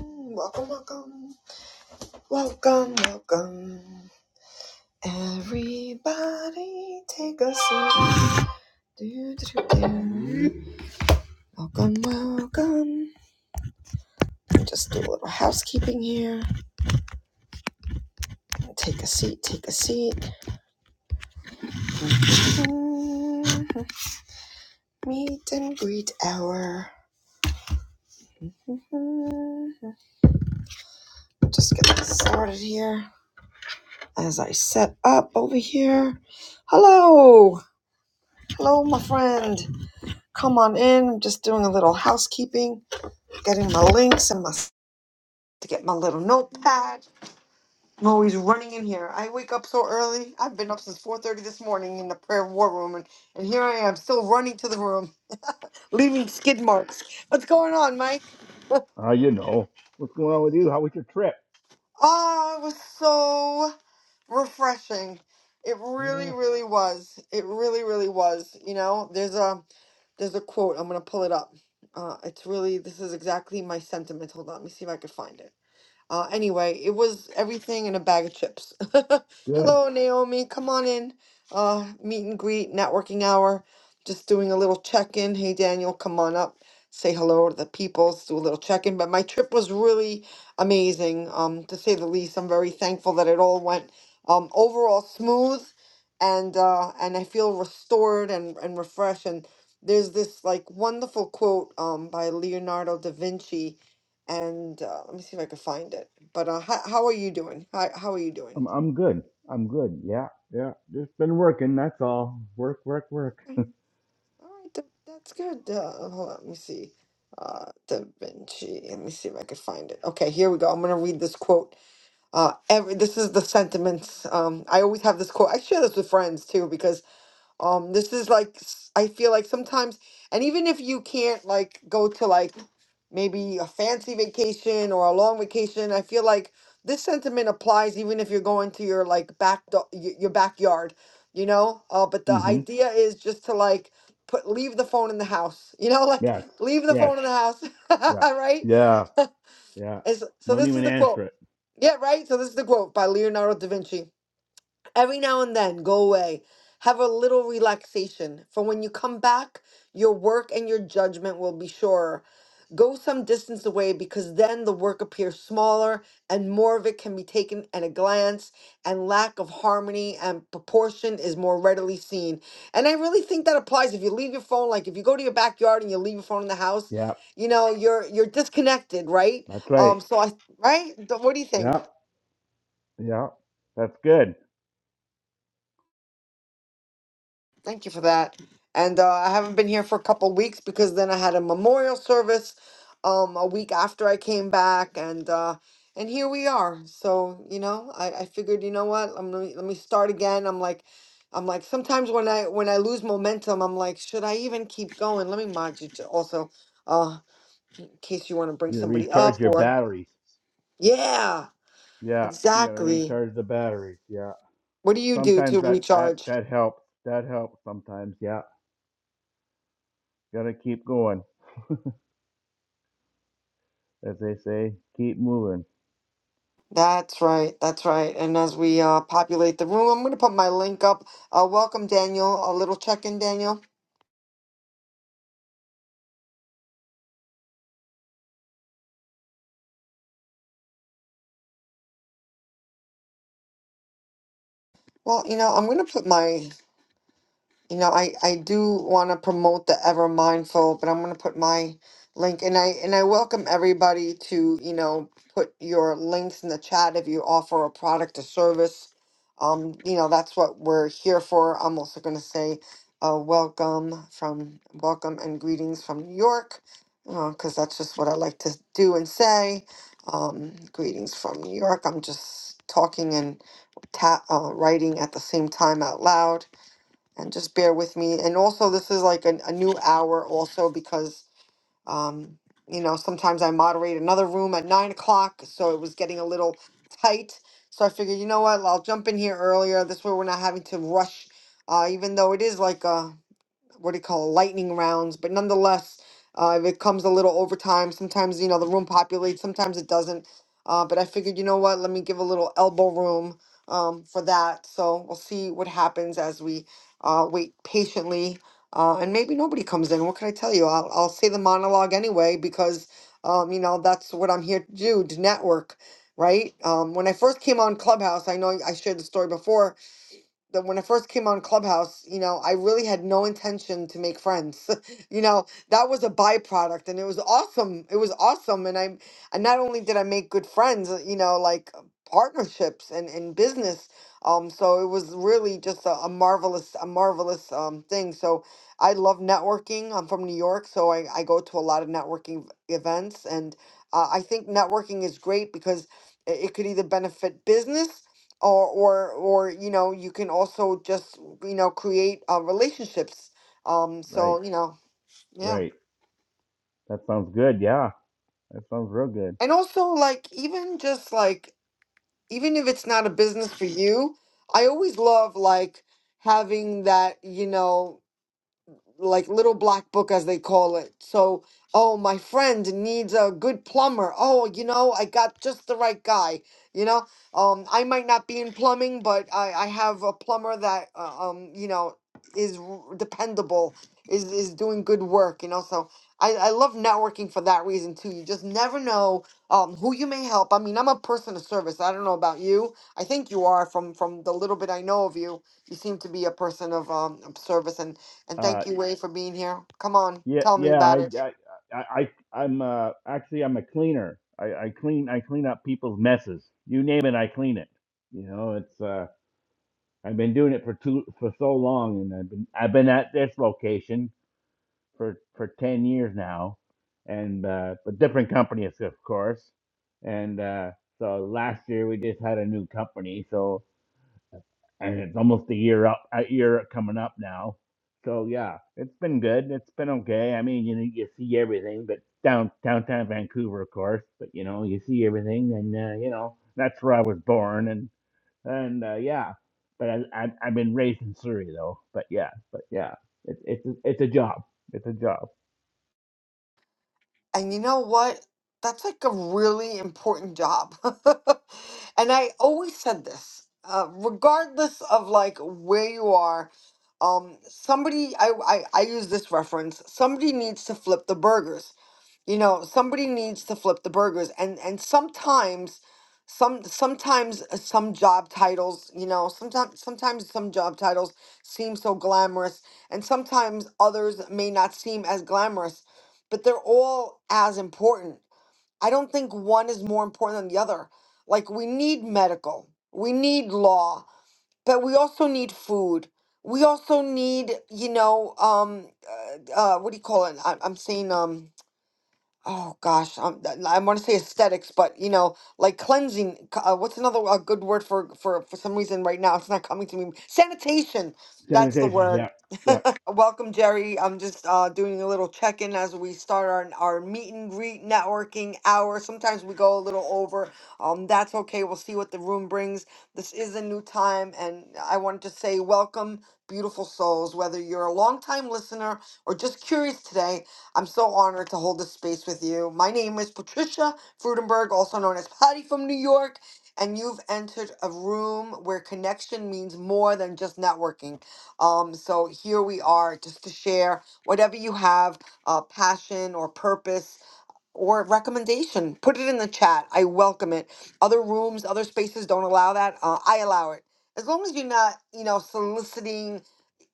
Welcome, welcome, welcome, welcome. Everybody, take a seat. Do, do, do, do. Welcome, welcome. Just do a little housekeeping here. Take a seat, take a seat. Mm, Meet and greet hour. Mhm. Just get started here as I set up over here. Hello, hello, my friend. Come on in. Just doing a little housekeeping getting my links and my s- to get my little notepad. I'm always running in here. I wake up so early. I've been up since 4:30 this morning in the prayer war room, and, and here I am still running to the room, leaving skid marks. What's going on, Mike? Ah, you know. What's going on with you? How was your trip? oh, it was so refreshing. It really, Yeah, really was. It really, really was. You know, there's a there's a quote. I'm gonna pull it up. Uh, it's really this is exactly my sentiment. Hold on, let me see if I can find it. Uh, anyway, it was everything in a bag of chips. good. Hello, Naomi. Come on in. Uh, meet and greet, networking hour. Just doing a little check in. Hey, Daniel, come on up. Say hello to the peoples. Do a little check in. But my trip was really amazing, um, to say the least. I'm very thankful that it all went um, overall smooth, and uh, and I feel restored and and refreshed. And there's this like wonderful quote um, by Leonardo da Vinci and uh, let me see if I can find it. But uh, how, how are you doing? How, how are you doing? I'm I'm good. I'm good. Yeah, yeah. Just been working, that's all. Work, work, work. Okay, All right, th- that's good. Uh, hold on, let me see. Uh, Da Vinci. Let me see if I can find it. Okay, here we go. I'm gonna read this quote. Uh, every this is the sentiments. Um, I always have this quote. I share this with friends too because Um, this is like s- I feel like sometimes, and even if you can't like go to like maybe a fancy vacation or a long vacation, I feel like this sentiment applies even if you're going to your like back do- y- your backyard, you know. Uh, but the Mm-hmm. idea is just to like put leave the phone in the house, you know, like Yes. leave the Yes. phone in the house, Yeah. right? Yeah. Yeah. It's- so Don't this is even the quote. answer it. Yeah, right. So this is the quote by Leonardo da Vinci every now and then go away have a little relaxation for when you come back your work and your judgment will be surer go some distance away because then the work appears smaller and more of it can be taken at a glance and lack of harmony and proportion is more readily seen and i really think that applies if you leave your phone like if you go to your backyard and you leave your phone in the house Yeah. you know you're you're disconnected right That's right. um so i right Th- what do you Yeah. think Yeah. That's good. Thank you for that. And uh, I haven't been here for a couple weeks because then I had a memorial service um, a week after I came back, and uh, and here we are. So you know, I, I figured, you know what, I'm gonna, let me start again. I'm like, I'm like, sometimes when I when I lose momentum, I'm like, should I even keep going? Let me mod you to also, uh, in case you want to bring You gotta somebody up recharge your or batteries. yeah, Yeah. You gotta exactly. recharge the batteries. Yeah. What do you do Sometimes to that that recharge? that helps. That helps sometimes. Yeah. Gotta keep going. As they say, keep moving. That's right. That's right. And as we uh, populate the room, I'm going to put my link up. Uh, welcome, Daniel. A little check in, Daniel. Well, you know, I'm going to put my You know, I I do want to promote the Ever Mindful, but I'm going to put my link and I and I welcome everybody to, you know, put your links in the chat if you offer a product or service. Um, you know, that's what we're here for. I'm also going to say uh, welcome from welcome and greetings from New York, because that's just what I like to do and say. Um, greetings from New York. I'm just talking and ta- uh, writing at the same time out loud and just bear with me. And also, this is like an, a new hour, also because um, you know sometimes I moderate another room at nine o'clock, so it was getting a little tight. So I figured, you know what, I'll jump in here earlier. This way, we're not having to rush. Uh, even though it is like a what do you call it, lightning rounds. But nonetheless, uh, if it comes a little overtime, sometimes you know the room populates, sometimes it doesn't. Uh, but I figured, you know what? Let me give a little elbow room um, for that. So we'll see what happens as we uh, wait patiently. Uh, and maybe nobody comes in. What can I tell you? I'll, I'll say the monologue anyway because, um, you know, that's what I'm here to do to network, right? Um, when I first came on Clubhouse, I know I shared the story before that when I first came on Clubhouse, you know, I really had no intention to make friends. you know, that was a byproduct and it was awesome. It was awesome. And I and not only did I make good friends, uh, you know, like uh, partnerships and, and business. Um, so it was really just a, a marvelous, a marvelous um thing. So I love networking. I'm from New York, so I, I go to a lot of networking v- events and uh, I think networking is great because it it could either benefit business or or or you know you can also just you know create uh, relationships um Right. so you know yeah Right. That sounds good. Yeah, that sounds real good. and also like even just like even if it's not a business for you i always love like having that you know like little black book as they call it. So, oh, my friend needs a good plumber. Oh, you know, I got just the right guy. You know, um, I might not be in plumbing, but I, I have a plumber that, uh, um, you know, is r- dependable, is is doing good work. You know, so I I love networking for that reason too. You just never know um who you may help. I mean, I'm a person of service. I don't know about you. I think you are from from the little bit I know of you. You seem to be a person of um of service and and Uh, thank you, Wade, for being here. Come on, yeah, tell me yeah. about I, it. I, I, I I'm uh actually I'm a cleaner. I, I clean I clean up people's messes. You name it, I clean it. You know, it's uh I've been doing it for two for so long, and I've been I've been at this location for for ten years now, and uh, a different company, of course. And uh, so last year we just had a new company, so and it's almost a year up, a year coming up now. So yeah, it's been good. It's been okay. I mean, you know, you see everything, but down downtown Vancouver, of course. But you know, you see everything, and uh, you know, that's where I was born, and and uh, yeah. But I, I I've been raised in Surrey though. But yeah, but yeah, it's it's it's a job. It's a job. And you know what? That's like a really important job. And I always said this, uh, regardless of like where you are, um, somebody, I, I, I use this reference, somebody needs to flip the burgers. You know, somebody needs to flip the burgers. And, and sometimes, some, sometimes uh, some job titles, you know, sometimes, sometimes some job titles seem so glamorous and sometimes others may not seem as glamorous but they're all as important. I don't think one is more important than the other. Like, we need medical, we need law, but we also need food. We also need, you know, um, uh, uh, what do you call it? I, I'm saying, um, oh gosh, um, th- I want to say aesthetics, but you know, like cleansing. c- Uh, what's another uh, good word for for for some reason right now? It's not coming to me. Sanitation. That's the Sanitation. word. Yeah, yeah. Welcome, Jerry. I'm just uh, doing a little check-in as we start our, our meet and greet networking hour. Sometimes we go a little over. Um, that's okay. We'll see what the room brings. This is a new time, and I wanted to say welcome, beautiful souls. Whether you're a longtime listener or just curious today, I'm so honored to hold this space with you. My name is Patricia Frudenberg, also known as Patty from New York, and you've entered a room where connection means more than just networking. Um, so here we are just to share whatever you have, uh, passion or purpose or recommendation. Put it in the chat. I welcome it. Other rooms, other spaces don't allow that. Uh, I allow it. As long as you're not, you know, soliciting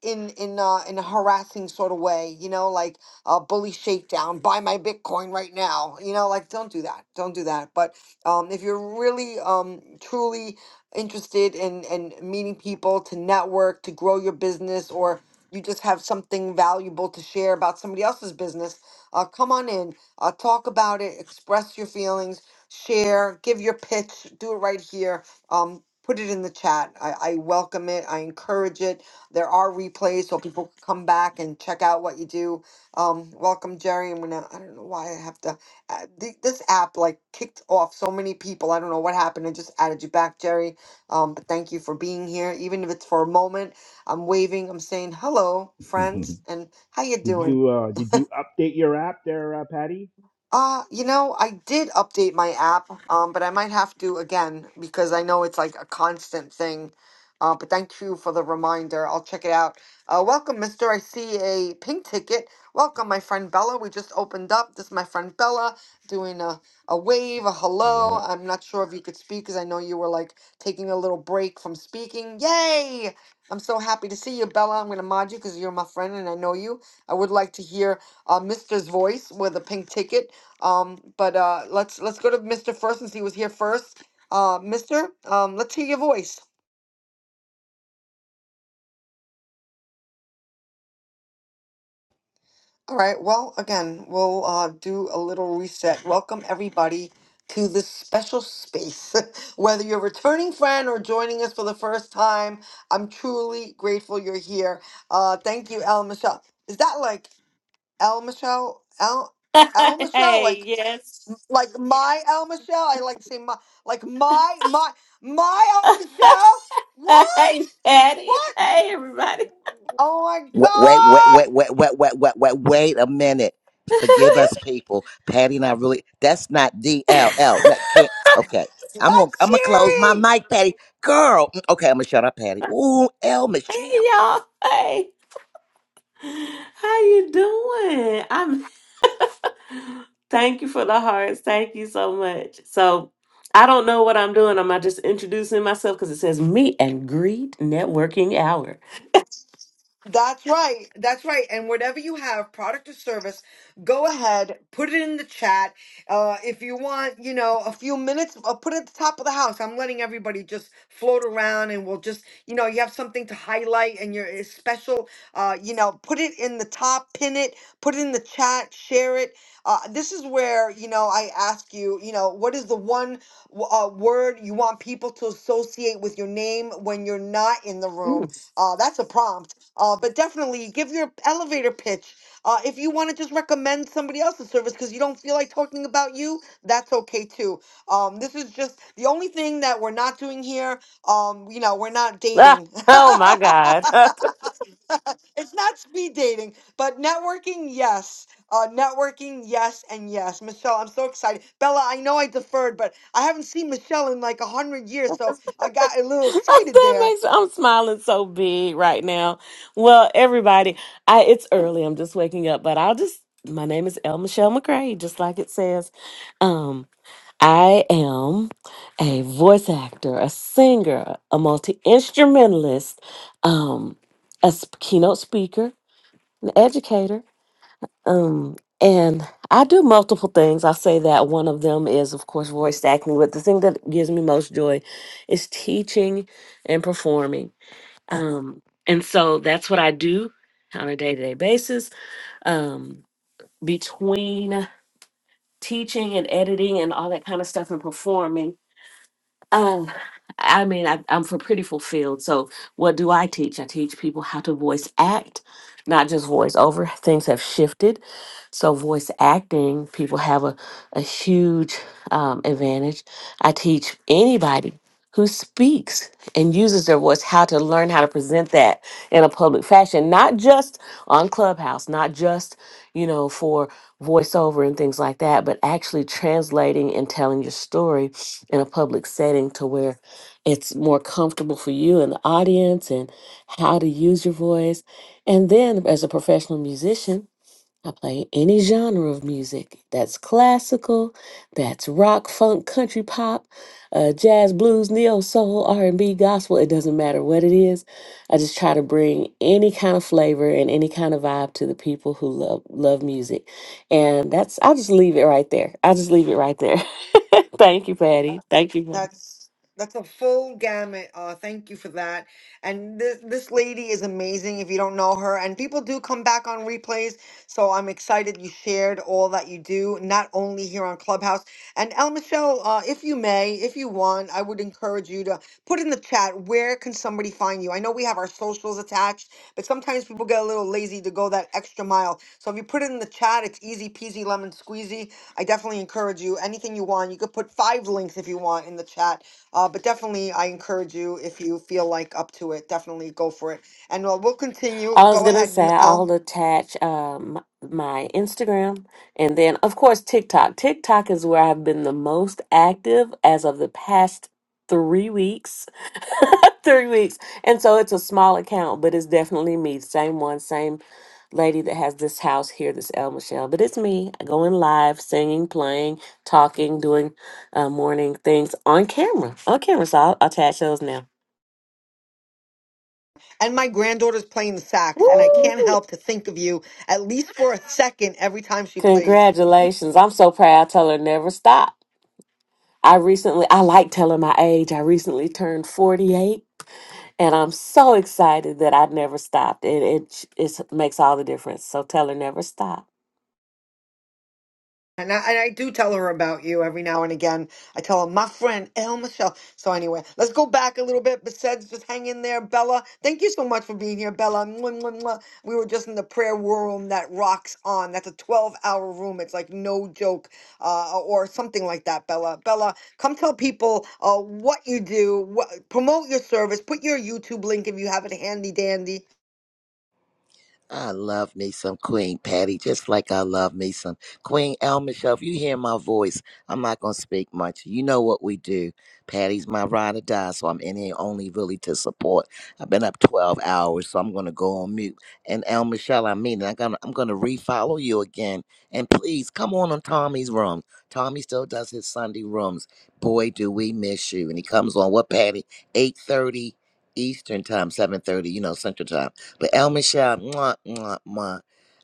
in in uh, in a harassing sort of way, you know, like a bully shakedown. Buy my Bitcoin right now, you know, like don't do that, don't do that. But um, if you're really um, truly interested in in meeting people to network to grow your business or you just have something valuable to share about somebody else's business, uh, come on in, uh, talk about it, express your feelings, share, give your pitch, do it right here. Um, put it in the chat. I, I welcome it. I encourage it there are replays, so people can come back and check out what you do. Um, welcome, Jerry. I'm gonna. I don't know why I have to. Uh, th- this app like kicked off so many people. I don't know what happened. I just added you back, Jerry. Um, but thank you for being here, even if it's for a moment. I'm waving. I'm saying hello, did friends, and how you doing? you uh did you update your app there, uh, Patty? Uh, you know, I did update my app, um, but I might have to again because I know it's like a constant thing. Uh, but thank you for the reminder. I'll check it out. Uh, welcome, Mister. I see a pink ticket. Welcome, my friend Bella. We just opened up. This is my friend Bella doing a, a wave, a hello. Yeah. I'm not sure if you could speak because I know you were like taking a little break from speaking. Yay! I'm so happy to see you, Bella. I'm gonna mod you because you're my friend and I know you. I would like to hear uh, Mister's voice with a pink ticket. Um, but uh, let's let's go to Mr. First since he was here first. Uh, Mister, um, let's hear your voice. All right. Well, again, we'll uh, do a little reset. Welcome everybody to this special space. Whether you're a returning friend or joining us for the first time, I'm truly grateful you're here. Uh, thank you, El Michelle. Is that like El Michelle? El El Michelle? hey, Like yes. like my El Michelle? I like to say my like my my my El Michelle. What? hey, Patty. What? Hey, everybody. Oh my Wait, wait, God! wait, wait, wait, wait, wait, wait, wait, wait a minute. Forgive hey, us, people. Patty and I really, that's not DLL. That can't, okay. I'm gonna, That's I'm gonna close my Siri! mic, Patty. Girl, mm, okay, I'm gonna shut up, Patty. Ooh, L Michelle. y'all. Hey, how you doing? I'm. Thank you for the hearts. Thank you so much. So, I don't know what I'm doing. Am I just introducing myself because it says meet and greet networking hour? That's right. That's right. And whatever you have, product or service, go ahead, put it in the chat. Uh, if you want, you know, a few minutes, uh, put it at the top of the house. I'm letting everybody just float around and we'll just, you know, you have something to highlight and you're it's special. Uh, you know, put it in the top, pin it, put it in the chat, share it. Uh, this is where, you know, I ask you, you know, what is the one w- uh, word you want people to associate with your name when you're not in the room? Mm. Uh, that's a prompt uh, but definitely give your elevator pitch. Uh, if you want to just recommend somebody else's service because you don't feel like talking about you, that's okay too. Um, this is just the only thing that we're not doing here. Um, you know, we're not Ah, dating. oh my God. it's not speed dating, but networking, yes. Uh, networking, yes, and yes. Michelle, I'm so excited. Bella, I know I deferred, but I haven't seen Michelle in like a hundred years, so I got a little excited that there. makes I'm smiling so big right now. Well, everybody, I it's early. I'm just waking up, but I'll just my name is El Michelle McCray, just like it says. Um, I am a voice actor, a singer, a multi instrumentalist, um, a sp- keynote speaker, an educator. Um, and I do multiple things. I'll say that one of them is, of course, voice acting, but the thing that gives me most joy is teaching and performing. Um, and so that's what I do on a day to day basis. Um, between teaching and editing and all that kind of stuff and performing, uh, I mean, I, I'm for pretty fulfilled. So, what do I teach? I teach people how to voice act, not just voice over. Things have shifted. So, voice acting, people have a, a huge um, advantage. I teach anybody who speaks and uses their voice how to learn how to present that in a public fashion, not just on Clubhouse, not just, you know, for voiceover and things like that, but actually translating and telling your story in a public setting to where it's more comfortable for you and the audience and how to use your voice. And then as a professional musician, I play any genre of music that's classical, that's rock, funk, country pop, uh, jazz, blues, neo soul, R and B, gospel. It doesn't matter what it is. I just try to bring any kind of flavor and any kind of vibe to the people who love love music, and that's. I'll just leave it right there. I'll just leave it right there. Thank you, Patty. Thank you. That's Patty. that's a full gamut. Uh, thank you for that. And this this lady is amazing. If you don't know her, and people do come back on replays, so I'm excited you shared all that you do, not only here on Clubhouse. And El Michelle, uh, if you may, if you want, I would encourage you to put in the chat where can somebody find you. I know we have our socials attached, but sometimes people get a little lazy to go that extra mile. So if you put it in the chat, it's easy peasy lemon squeezy I definitely encourage you. Anything you want, you could put five links if you want in the chat. Uh, but definitely, I encourage you if you feel like up to it. Definitely go for it. And uh, we'll I continue. was Go gonna ahead, say M- I'll El. attach um my Instagram and then of course TikTok. TikTok is where I've been the most active as of the past three weeks. three weeks. And so it's a small account, but it's definitely me. Same one, same lady that has this house here, this El Michelle. But it's me going live, singing, playing, talking, doing uh, morning things on camera. On camera. So I'll attach those now. And my granddaughter's playing the sax, and I can't Woo! help to think of you at least for a second every time she plays. Congratulations. I'm so proud. Tell her never stop. I recently, I like telling my age. I recently turned 48 and I'm so excited that I never stopped. It, it, it's- it makes all the difference. So tell her never stop. And I, and I do tell her about you every now and again. I tell her, my friend, El Michelle. So, anyway, let's go back a little bit. Besides, just hang in there, Bella. Thank you so much for being here, Bella. Mwah, mwah, mwah. We were just in the prayer room that rocks on. That's a 12 hour room. It's like no joke uh, or something like that, Bella. Bella, come tell people uh, what you do, what, promote your service, put your YouTube link if you have it handy dandy. I love me some Queen Patty, just like I love me some Queen El Michelle. If you hear my voice, I'm not going to speak much. You know what we do. Patty's my ride or die, so I'm in here only really to support. I've been up 12 hours, so I'm going to go on mute. And El Michelle, I mean, it. I'm going to I'm going to refollow you again. And please come on on Tommy's room. Tommy still does his Sunday rooms. Boy, do we miss you. And he comes on, what, Patty? 8.30 Eastern time, 7.30, you know, Central time. But El Michelle, mwah, mwah, mwah.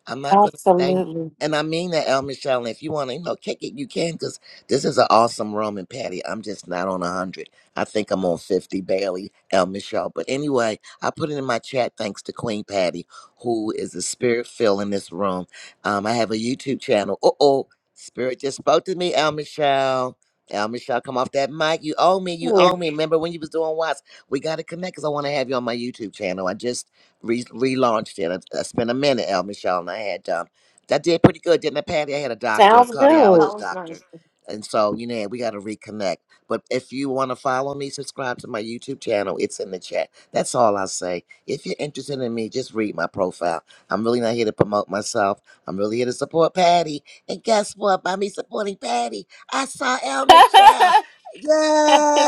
I'm not going to say, Absolutely. and I mean that, El Michelle. And if you want to, you know, kick it, you can, because this is an awesome room. And Patty, I'm just not on 100. I think I'm on 50, barely, El Michelle. But anyway, I put it in my chat thanks to Queen Patty, who is the spirit fill in this room. Um, I have a YouTube channel. Uh oh, spirit just spoke to me, El Michelle. El Michelle, come off that mic. You owe me. You Yeah. owe me. Remember when you was doing Watts? We got to connect because I want to have you on my YouTube channel. I just re- relaunched it. I, I spent a minute, El Michelle, and I had um, that did pretty good, didn't it, Patty? I had a doctor, a Sounds good. That cardiologist was nice. doctor, and so you know we got to reconnect. But if you want to follow me, subscribe to my YouTube channel. It's in the chat. That's all I say. If you're interested in me, just read my profile. I'm really not here to promote myself. I'm really here to support Patty. And guess what? By me supporting Patty, I saw El Michelle.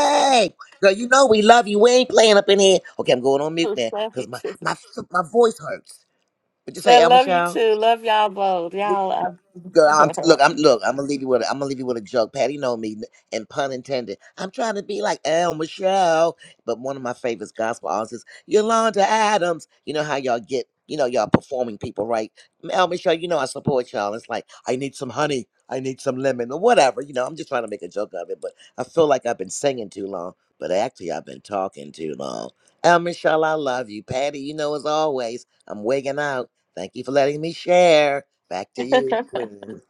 Girl, you know we love you. We ain't playing up in here. Okay, I'm going on mute Oh, now Love you because my, too. my my voice hurts. Would you say So El love you Michelle? too. Love y'all both. Y'all. Uh, Girl, I'm, look, I'm look. I'm gonna leave you with. A, I'm gonna leave you with a joke. Patty know me, n- and pun intended. I'm trying to be like El Michelle, but one of my favorites, gospel artists, is Yolanda Adams. You know how y'all get. You know y'all performing people, right? El Michelle, you know I support y'all. It's like I need some honey, I need some lemon, or whatever. You know, I'm just trying to make a joke of it, but I feel like I've been singing too long. But actually, I've been talking too long. El Michelle, I love you. Patty, you know as always, I'm wigging out. Thank you for letting me share. Back to you, Queen.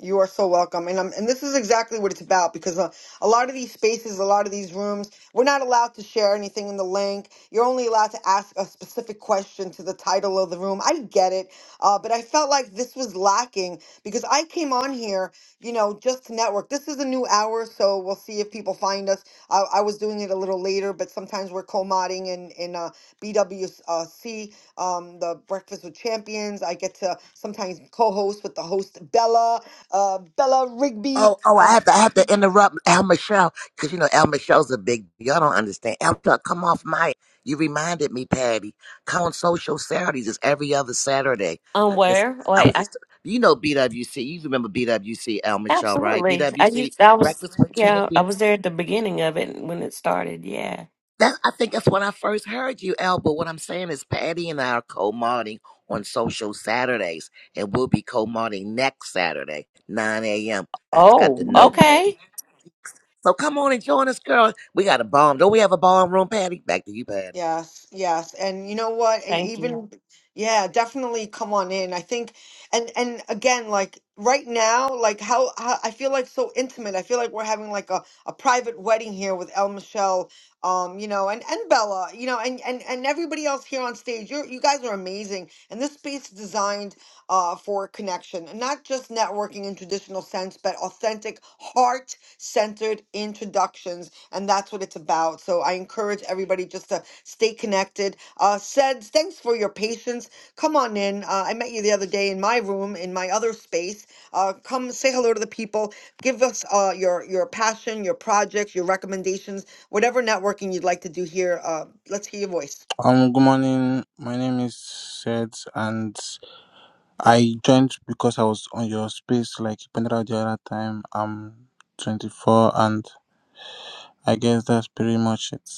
You are so welcome, and um, and this is exactly what it's about because uh, a lot of these spaces, a lot of these rooms, we're not allowed to share anything in the link. You're only allowed to ask a specific question to the title of the room. I get it, uh, but I felt like this was lacking because I came on here, you know, just to network. This is a new hour, so we'll see if people find us. I, I was doing it a little later, but sometimes we're co-modding in in uh, BWC, um, the Breakfast with Champions. I get to sometimes co-host with the host Bella uh, Bella Rigby. Oh, oh, Uh, I have to, I have to interrupt Al Michelle because you know Al Michelle's a big. Y'all don't understand. Al Michelle, come off my. You reminded me, Patty. Count social Saturdays is every other Saturday. I um, just, where? I Wait, was I just, you know, BWC. You remember BWC, Al Michelle, right? absolutely. I BWC, used. I was. Breakfast with Yeah, I Champions. was there at the beginning of it when it started. Yeah. That I think that's when I first heard you, Al. But what I'm saying is, Patty and I are co-modding on social Saturdays, and we'll be co-modding next Saturday, 9 a.m. I just got to Oh, know, okay. Patty. So come on and join us, girl. We got a bomb. Don't we have a bomb room, Patty? Back to you, Patty. Yes, yes. And you know what? e- Thank you. Even yeah, definitely come on in. I think and and again like right now like how, how I feel like so intimate. I feel like we're having like a, a private wedding here with El Michelle um you know and and Bella, you know, and and and everybody else here on stage. You are you guys are amazing. And this space is designed uh for connection, and not just networking in traditional sense, but authentic heart-centered introductions and that's what it's about. So I encourage everybody just to Stay connected. Uh, Seds, thanks for your patience. Come on in. Uh, I met you the other day in my room, in my other space. Uh, come say hello to the people. Give us uh, your your passion, your projects, your recommendations, whatever networking you'd like to do here. Uh, let's hear your voice. Um, good morning. My name is Seth, and I joined because I was on your space, like you pointed out the other time. I'm 24, and I guess that's pretty much it.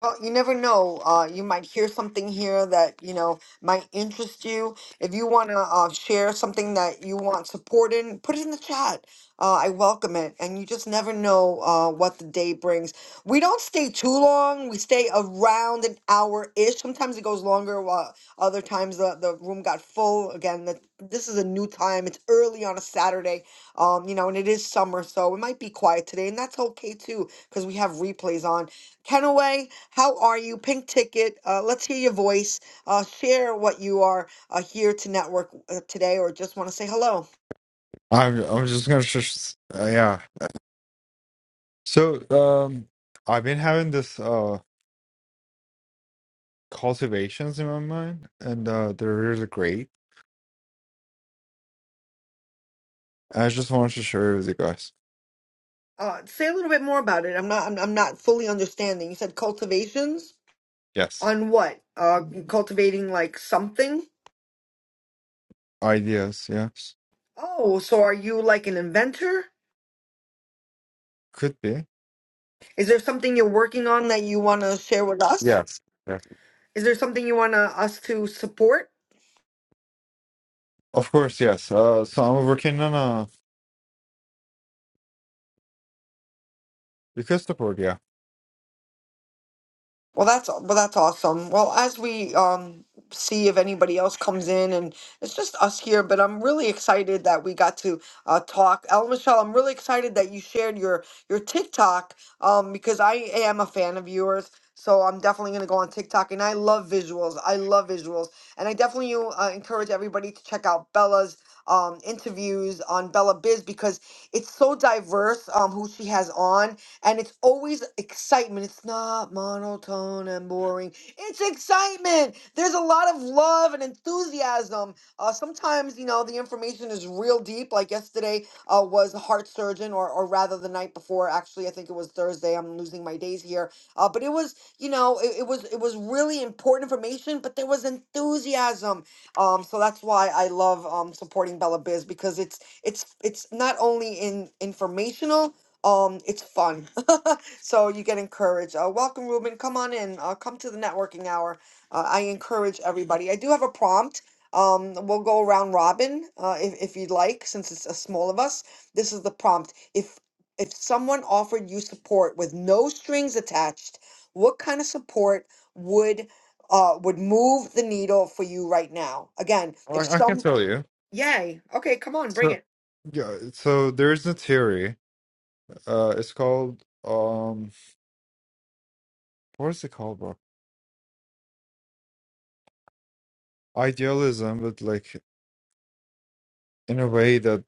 Well, you never know. Uh, you might hear something here that you know might interest you. If you want to uh, share something that you want support in, put it in the chat. Uh, I welcome it, and you just never know uh, what the day brings. We don't stay too long. We stay around an hour ish. Sometimes it goes longer. While other times the, the room got full. Again, the, this is a new time. It's early on a Saturday, um, you know, and it is summer, so it might be quiet today, and that's okay too because we have replays on Kenaway, how are you? Pink Ticket, uh, let's hear your voice. Uh, share what you are uh, here to network uh, today, or just want to say hello. I'm I'm just gonna just uh, yeah. So um, I've been having this uh cultivations in my mind, and uh they're really great. I just wanted to share with you guys. Uh, say a little bit more about it. I'm not. I'm, I'm not fully understanding. You said cultivations Yes, on what? Uh, cultivating like something. ideas. Yes, Oh, so are you like an inventor? could be. Is there something you're working on that you want to share with us? Yes, yeah. Is there something you want us to support? Of course, yes. Uh, so I'm working on a because board. Yeah, Well, that's well, that's awesome. Well, as we um see if anybody else comes in, and it's just us here, but I'm really excited that we got to uh, talk. El Michelle, I'm really excited that you shared your your TikTok um because I am a fan of yours. So I'm definitely gonna go on TikTok, and I love visuals. I love visuals, and I definitely uh, encourage everybody to check out Bella's um interviews on Bella Biz because it's so diverse um who she has on and it's always excitement. It's not monotone and boring. It's excitement. There's a lot of love and enthusiasm. Uh, sometimes, you know, the information is real deep. Like yesterday uh, was a heart surgeon, or, or rather the night before. Actually, I think it was Thursday. I'm losing my days here. Uh, but it was, you know, it, it was it was really important information. But there was enthusiasm. Um, so that's why I love um, supporting Bella Biz because it's it's it's not only in informational, um it's fun so you get encouraged uh, welcome ruben come on in uh, come to the networking hour uh, i encourage everybody i do have a prompt um we'll go around robin uh, if, if you'd like since it's a small of us this is the prompt if if someone offered you support with no strings attached what kind of support would uh would move the needle for you right now again if I, I can some tell you. yay okay come on bring So it yeah, so there's a theory. Uh, it's called um, what is it called, bro? Idealism, but like in a way that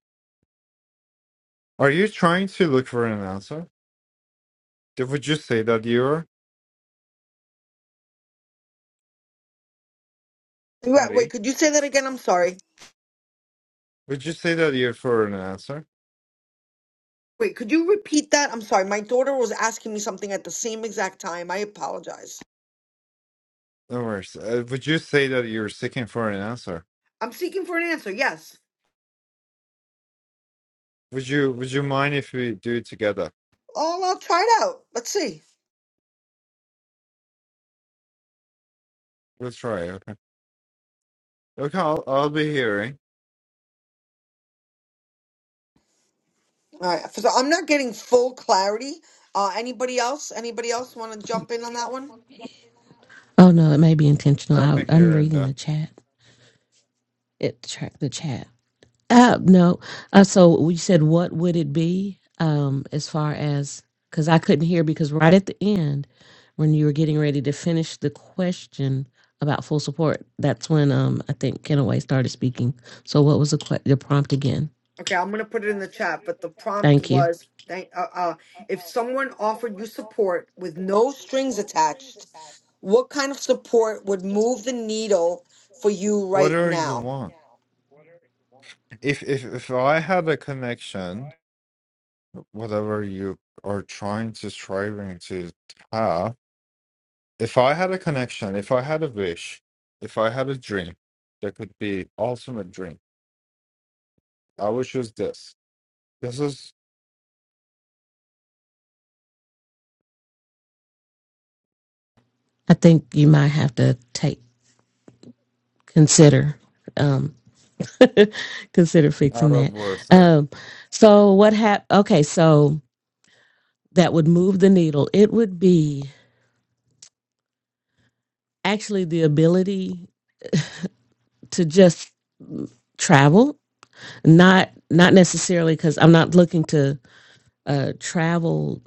Are you trying to look for an answer? Did- Would you say that you're Yeah, wait Harry? could you say that again i'm sorry Would you say that you're for an answer? Wait, could you repeat that? I'm sorry. My daughter was asking me something at the same exact time. I apologize. No worries. Uh, would you say that you're seeking for an answer? I'm seeking for an answer. Yes. Would you Would you mind if we do it together? Oh, I'll try it out. Let's see. We'll try. Okay. Okay. I'll I'll be hearing. All right. So I'm not getting full clarity. Uh, anybody else? Anybody else want to jump in on that one? Oh no, it may be intentional. I'll be I, I'm hearing reading that. the chat. It track the chat. Uh, no. Uh, so we said, what would it be? Um, as far as because I couldn't hear because right at the end, when you were getting ready to finish the question about full support, that's when um I think Kenaway started speaking. So what was the que- the prompt again? Okay, I'm gonna put it in the chat. But the prompt Thank you. was, thank, uh, uh, if someone offered you support with no strings attached, what kind of support would move the needle for you right Whatever you now? want. If if if I had a connection, whatever you are trying to striving to have, if I had a connection, if I had a wish, if I had a dream, that could be ultimate dream I would choose this. This is I think you might have to take consider um consider fixing out that. of warfare. Um, so what hap? Okay, so that would move the needle. It would be. actually the ability to just travel not not necessarily because i'm not looking to uh travel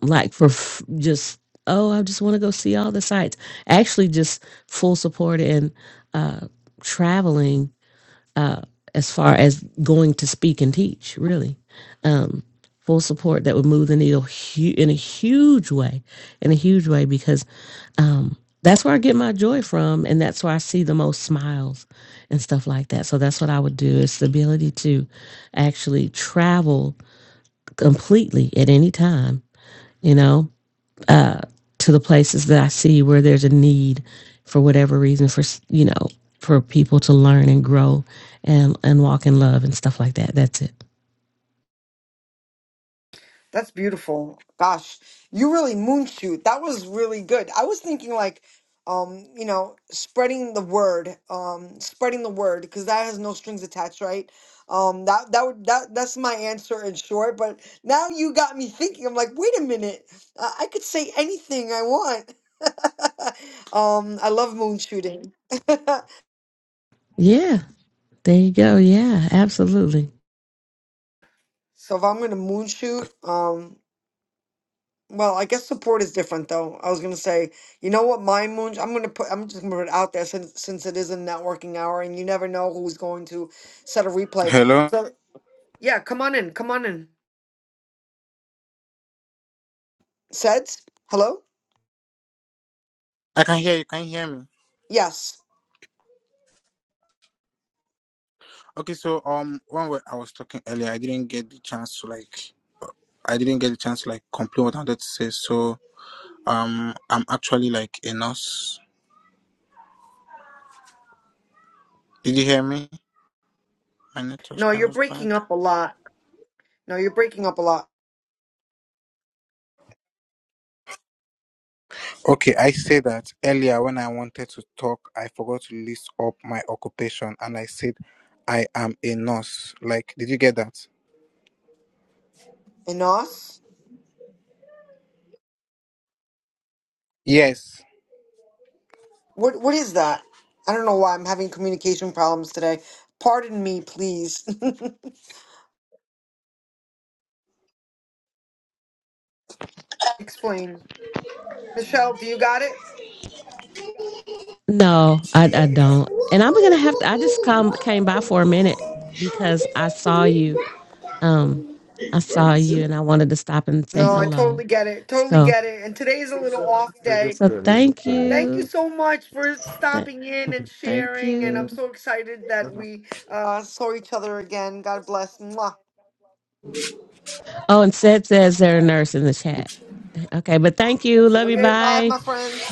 like for f- just oh i just want to go see all the sites actually just full support and uh traveling uh, as far as going to speak and teach, really. Um, full support that would move the needle hu- in a huge way, in a huge way, because um, that's where I get my joy from. And that's where I see the most smiles and stuff like that. So that's what I would do is the ability to actually travel completely at any time, you know, uh, to the places that I see where there's a need for whatever reason for s- you know for people to learn and grow and and walk in love and stuff like that. That's it. That's beautiful. Gosh, you really moonshoot. That was really good. I was thinking like, um, you know, spreading the word, um, spreading the word because that has no strings attached, right? Um, that that would that that's my answer in short. But now you got me thinking. I'm like, wait a minute, uh, I could say anything I want. um, I love moonshooting. Yeah, there you go. Yeah, absolutely. so if I'm gonna moonshoot, um. Well, I guess support is different though. I was gonna say, you know what, my moon, I'm gonna put, I'm just gonna put it out there since since it is a networking hour, and you never know who's going to set a replay. Hello. So yeah, come on in, come on in. Seds, hello. I can hear you. Can you hear me? Yes. Okay. So, um, one way I was talking earlier, I didn't get the chance to like, I didn't get the chance to like complete what I wanted to say. So, um, I'm actually like a nurse. Did you hear me? My network's No, kind you're of bad. breaking up a lot. No, you're breaking up a lot. Okay, I say that earlier when I wanted to talk, I forgot to list up my occupation and I said I am a nurse. Like, did you get that? Enos, Yes. what what is that? I don't know why I'm having communication problems today. Pardon me, please. Explain. Michelle, do you got it? No, I I don't. And I'm gonna have to. I just come came by for a minute because I saw you. Um, I saw you, and I wanted to stop and say No, I hello. totally get it. Totally So get it. And today's a little off Is day. this so good? Is this thank good? Is this Thank you you. good? so much for Th- stopping in and thank sharing. And I'm you. so excited that This is we uh, saw each other again. God bless. Mwah. Oh, and Seth says they're a nurse in the good. chat. Okay, but thank you. Love you. Okay, bye, Bye. my friend.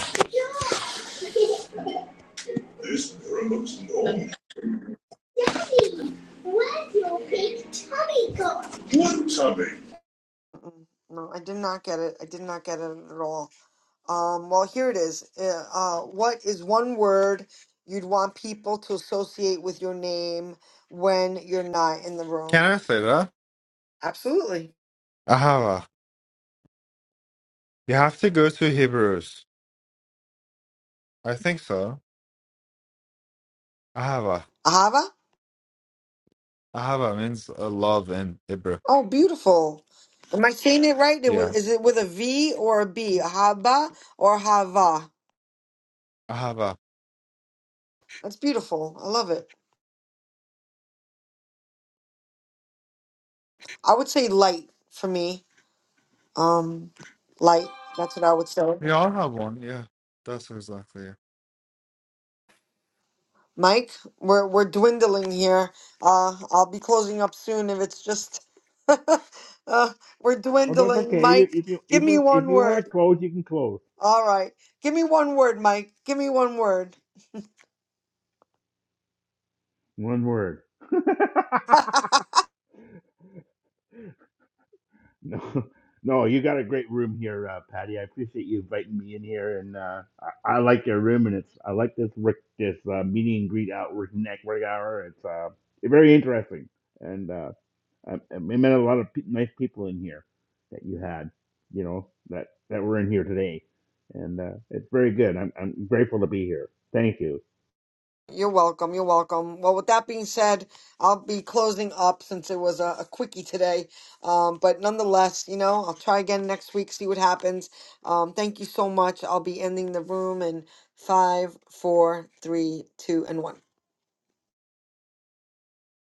Mm-mm. No, I did not get it. I did not get it at all. Um, well, here it is. Uh, uh, what is one word you'd want people to associate with your name when you're not in the room? Can I say that? Absolutely. Ahava. You have to go to Hebrews. I think so. Ahava. Ahava? Ahava means uh, love in Hebrew. Oh, beautiful. Am I saying it right? It wa- Yeah. Is it with a V or a B? Ahava or Hava? Ahava. That's beautiful. I love it. I would say light for me. Um, light. That's what I would say. We all have one. Yeah. That's exactly it. Mike, we're we're dwindling here. Uh, I'll be closing up soon if it's just. uh, we're Oh, that's dwindling, okay. You, Mike. if you Give if me you if one you want to word. close, you can close. All right. Give me one word, Mike. Give me one word. One word. no, no, you got a great room here, uh, Patty. I appreciate you inviting me in here, and uh, I, I like your room, and it's I like this work, this uh, meeting and greet out work network hour. It's uh, very interesting, and uh, I, I met a lot of pe- nice people in here that you had, you know, that that were in here today, and uh, it's very good. I'm I'm grateful to be here. Thank you. You're welcome. You're welcome. Well, with that being said, I'll be closing up since it was a, a quickie today. Um, but nonetheless, you know, I'll try again next week, see what happens. Um, thank you so much. I'll be ending the room in five, four, three, two, and one.